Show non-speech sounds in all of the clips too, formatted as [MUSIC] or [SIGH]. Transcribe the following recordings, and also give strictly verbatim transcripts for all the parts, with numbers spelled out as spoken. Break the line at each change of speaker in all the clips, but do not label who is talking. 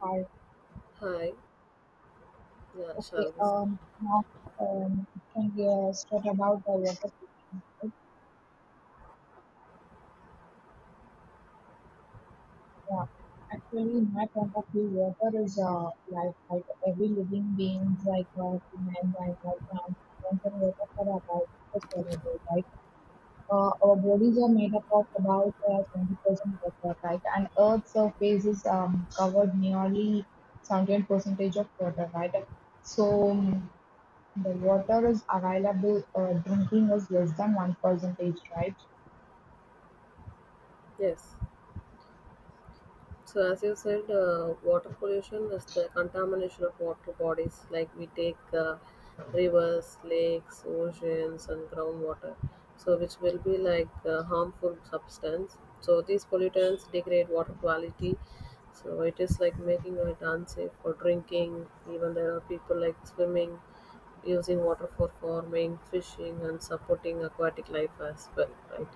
Hi.
Hi, yeah,
Okay,
shall we?
um, now, um, can we uh, start about the water pollution? Right? Yeah. Actually, in my point of view, water is uh, life, like every living being, like uh, human, like our plants, depends on water for about the survival, right? Uh, our bodies are made up of about uh, seventy percent water, right? And Earth's surface is um, covered nearly seventy percent of water, right? So, the water is available, uh, drinking is less than one percent, right?
Yes. So as you said, uh, water pollution is the contamination of water bodies. Like we take uh, rivers, lakes, oceans, and groundwater. So which will be like uh, harmful substance. So these pollutants degrade water quality. So it is like making it unsafe for drinking. Even there are people like swimming, using water for farming, fishing, and supporting aquatic life as well, right?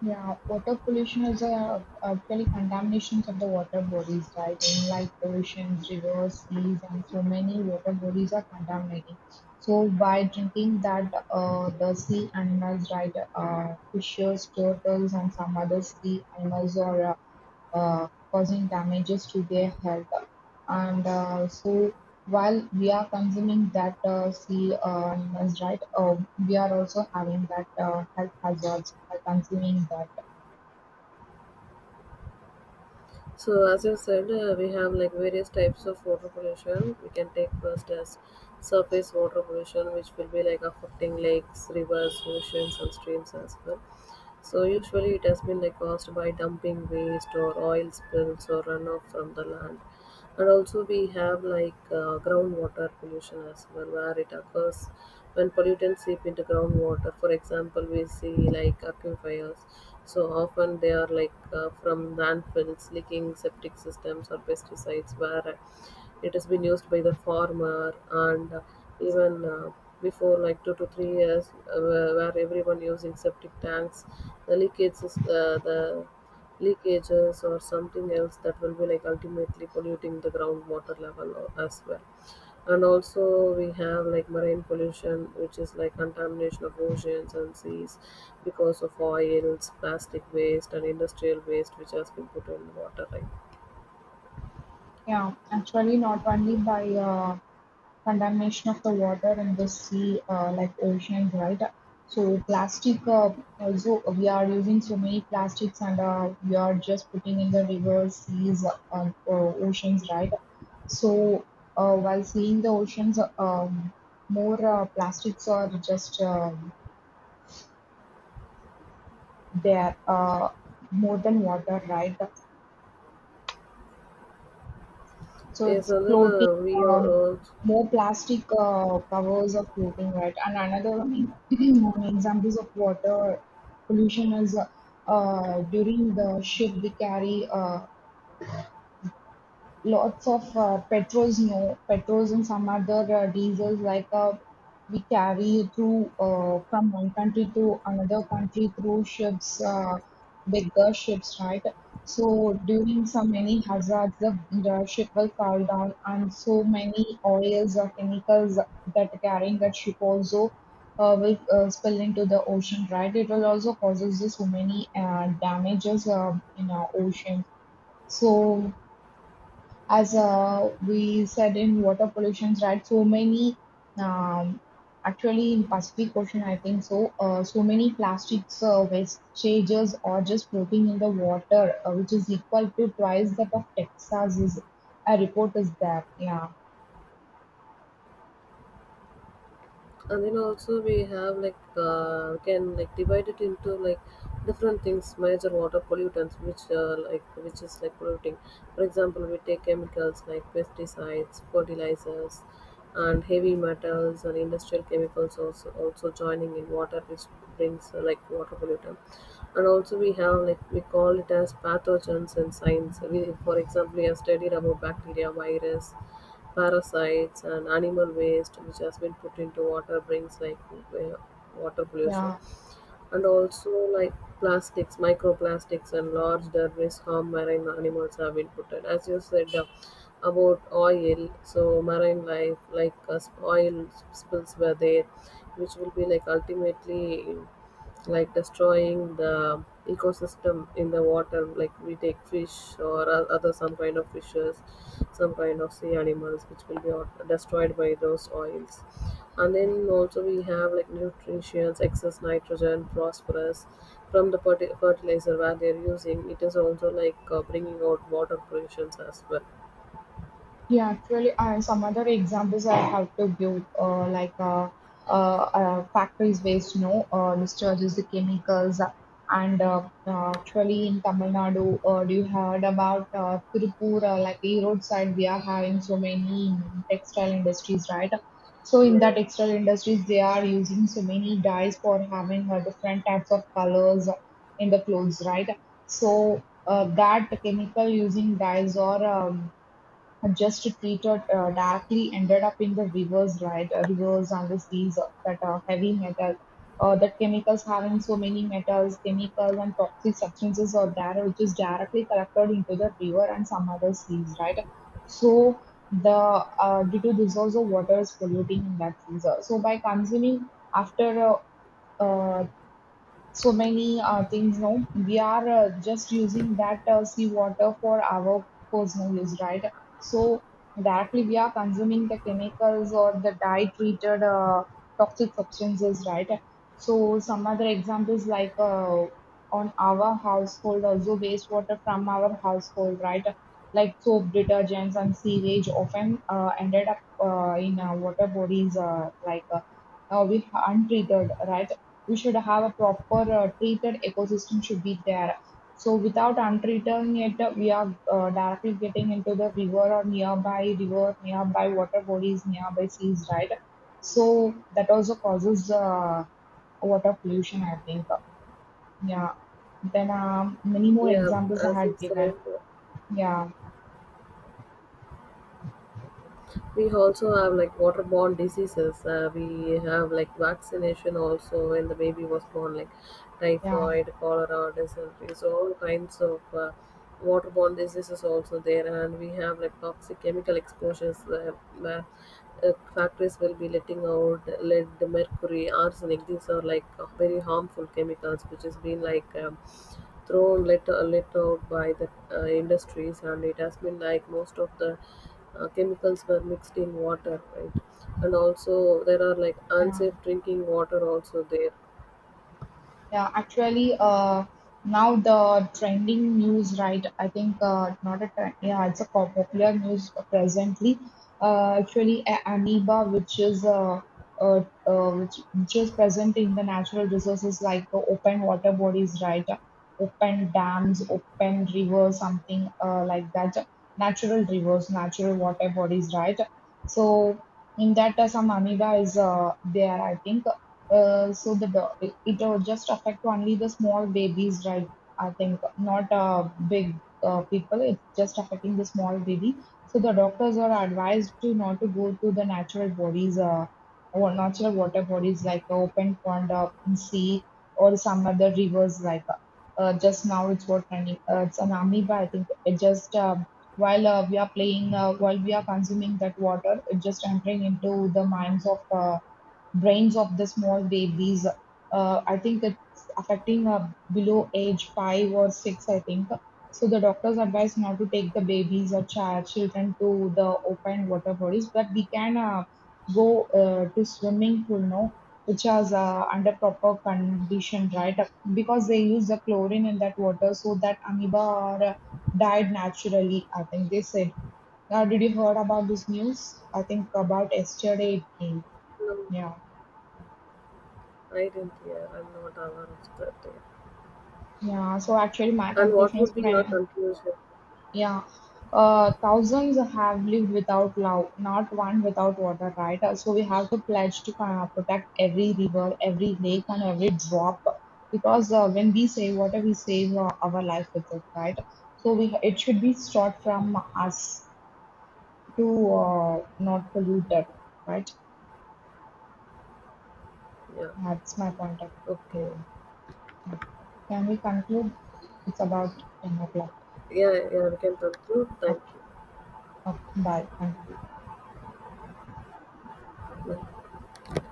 Yeah, water pollution is uh, actually contaminations of the water bodies, right? In like oceans, rivers, seas, and so many water bodies are contaminating. So by drinking that, uh, the sea animals, right? Uh, fishes, turtles, and some other sea animals are uh, uh, causing damages to their health. And uh, so, while we are consuming that uh, sea uh, animals, right, uh, we are also having that uh, health hazards by consuming that.
So as you said, uh, we have like various types of water pollution. We can take first as surface water pollution, which will be like affecting lakes, rivers, oceans, and streams as well. So usually it has been like caused by dumping waste or oil spills or runoff from the land, and also we have like uh, groundwater pollution as well, where it occurs when pollutants seep into groundwater. For example, we see like aquifers, so often they are like uh, from landfills, leaking septic systems, or pesticides where it has been used by the farmer. And uh, even uh, before like two to three years, uh, where where everyone using septic tanks, the leakage is uh, the leakages or something else, that will be like ultimately polluting the groundwater level o- as well. And also we have like marine pollution, which is like contamination of oceans and seas because of oils, plastic waste, and industrial waste which has been put in water, right?
Yeah, actually, not only by uh, contamination of the water in the sea, uh, like oceans, right? So plastic uh, also we are using so many plastics and uh, we are just putting in the rivers, seas, uh, uh, oceans, right? So uh, while seeing the oceans, uh, um, more uh, plastics are just um there, uh, more than water, right? So
yes
it's
and then
floating,
uh, we are
um,
also
more plastic uh, covers are floating, right? And another one, [CLEARS THROAT] one examples of water pollution is uh, uh, during the ship we carry uh, lots of uh, petrols, no petrols and some other uh, diesels like uh, we carry through uh, from one country to another country through ships, uh, bigger ships, right? So during so many hazards, the, the ship will fall down, and so many oils or chemicals that carrying that ship also uh, will uh, spill into the ocean, right? It will also causes so many uh, damages uh, in our ocean. So as uh, we said in water pollutions, right? So many, um, actually in Pacific Ocean, I think so. Uh, so many plastics uh, wastages are just floating in the water, uh, which is equal to twice that of Texas. Is a report is there? Yeah,
and then also we have like uh, we can like divide it into like different things, major water pollutants which uh, like which is like polluting. For example, we take chemicals like pesticides, fertilizers, and heavy metals, and industrial chemicals also also joining in water, which brings uh, like water pollutant. And also we have like, we call it as pathogens in science. We, for example, we have studied about bacteria, virus, parasites, and animal waste which has been put into water, brings like wa- water pollution.
yeah.
And also like plastics, microplastics, and large debris harm marine animals, have been put in. As you said, uh, about oil, so marine life, like uh, oil spills were there, which will be like ultimately like destroying the ecosystem in the water. Like we take fish or o- other some kind of fishes, some kind of sea animals which will be au- destroyed by those oils. And then also we have like nutrients, excess nitrogen, phosphorus, from the ferti- fertilizer where they're using, it is also like uh, bringing out water pollutions as well.
Yeah, actually, uh, some other examples I have to give, uh, like uh, uh, uh, factories waste, no, uh, discharges the chemicals, uh, and uh, uh, actually in Tamil Nadu, uh, you heard about uh, Tirupur, uh, like the roadside, we are having so many textile industries, right? So in the
Yeah.
textile industries, they are using so many dyes for having uh, different types of colors in the clothes, right? So uh, that chemical using dyes or um, uh, just treated uh, directly ended up in the rivers, right? Uh, Rivers and the seas uh, that are heavy metal. Uh, that chemicals having so many metals, chemicals and toxic substances are there, which is directly collected into the river and some other seas, right? So the uh, due to this also water is polluting in that seas. Uh, So by consuming after uh, uh, so many uh, things no we are uh, just using that uh, sea water for our personal use, right? So directly we are consuming the chemicals or the dye treated uh, toxic substances, right? So some other examples like uh, on our household also wastewater from our household, right? Like soap detergents and sewage often uh, ended up uh, in uh, water bodies uh, like uh, uh, we aren't treated, right? We should have a proper uh, treated ecosystem should be there. So without untreating it, uh, we are uh, directly getting into the river or nearby river, nearby water bodies, nearby seas, right? So that also causes uh, water pollution, I think. Yeah. Then um, many more
Yeah,
examples I
as you
had
said,
given. Yeah,
we also have like waterborne diseases. Uh, we have like vaccination also when the baby was born, like
yeah,
typhoid, cholera, dysentery, so all kinds of uh, waterborne diseases also there. And we have like toxic chemical exposures, uh, where uh, factories will be letting out lead, mercury, arsenic. These are like very harmful chemicals which has been like, um, though little, let out by the uh, industries, and it has been like most of the uh, chemicals were mixed in water, right? And also there are like
yeah.
unsafe drinking water also there.
Yeah, actually, uh, now the trending news, right? I think uh, not a trend, yeah, it's a pop- popular news presently. Uh, actually, a- amoeba, which is uh, uh, uh, which, which is present in the natural resources like the open water bodies, right? Open dams, open rivers, something uh, like that. Natural rivers, natural water bodies, right? So in that, uh, some amoeba is uh, there, I think uh, so the do- it, it will just affect only the small babies, right? I think not uh, big uh, people. It's just affecting the small baby. So the doctors are advised to not to go to the natural bodies, uh, or natural water bodies like open pond, uh, sea, or some other rivers. Like uh, uh, just now, it's what running. Uh, it's an amoeba. I think it just um while uh, we are playing, uh, while we are consuming that water, it just entering into the minds of. Uh, brains of the small babies. Uh, I think it's affecting uh, below age five or six, I think. So the doctors advise not to take the babies or child, children to the open water bodies, but we can uh, go uh, to swimming pool no, which is uh, under proper condition, right? Because they use the chlorine in that water so that amoeba are, uh, died naturally, I think they said. Now, did you heard about this news? I think about yesterday it came.
No,
Yeah.
I didn't hear, I'm not aware of that there.
Yeah, so actually, my
And what
conclusion is,
would be your
fri-
conclusion?
yeah, uh, thousands have lived without love, not one without water, right? Uh, so we have to pledge to uh, protect every river, every lake, and every drop, because uh, when we save water, we save uh, our life with it, right? So we it should be start from us to uh, not pollute it, right?
Yeah.
That's my point of view.
Okay.
Yeah. Can we conclude? It's about ten o'clock.
Yeah, yeah, we can conclude. Thank
Okay.
you.
Okay. Bye. Thank you.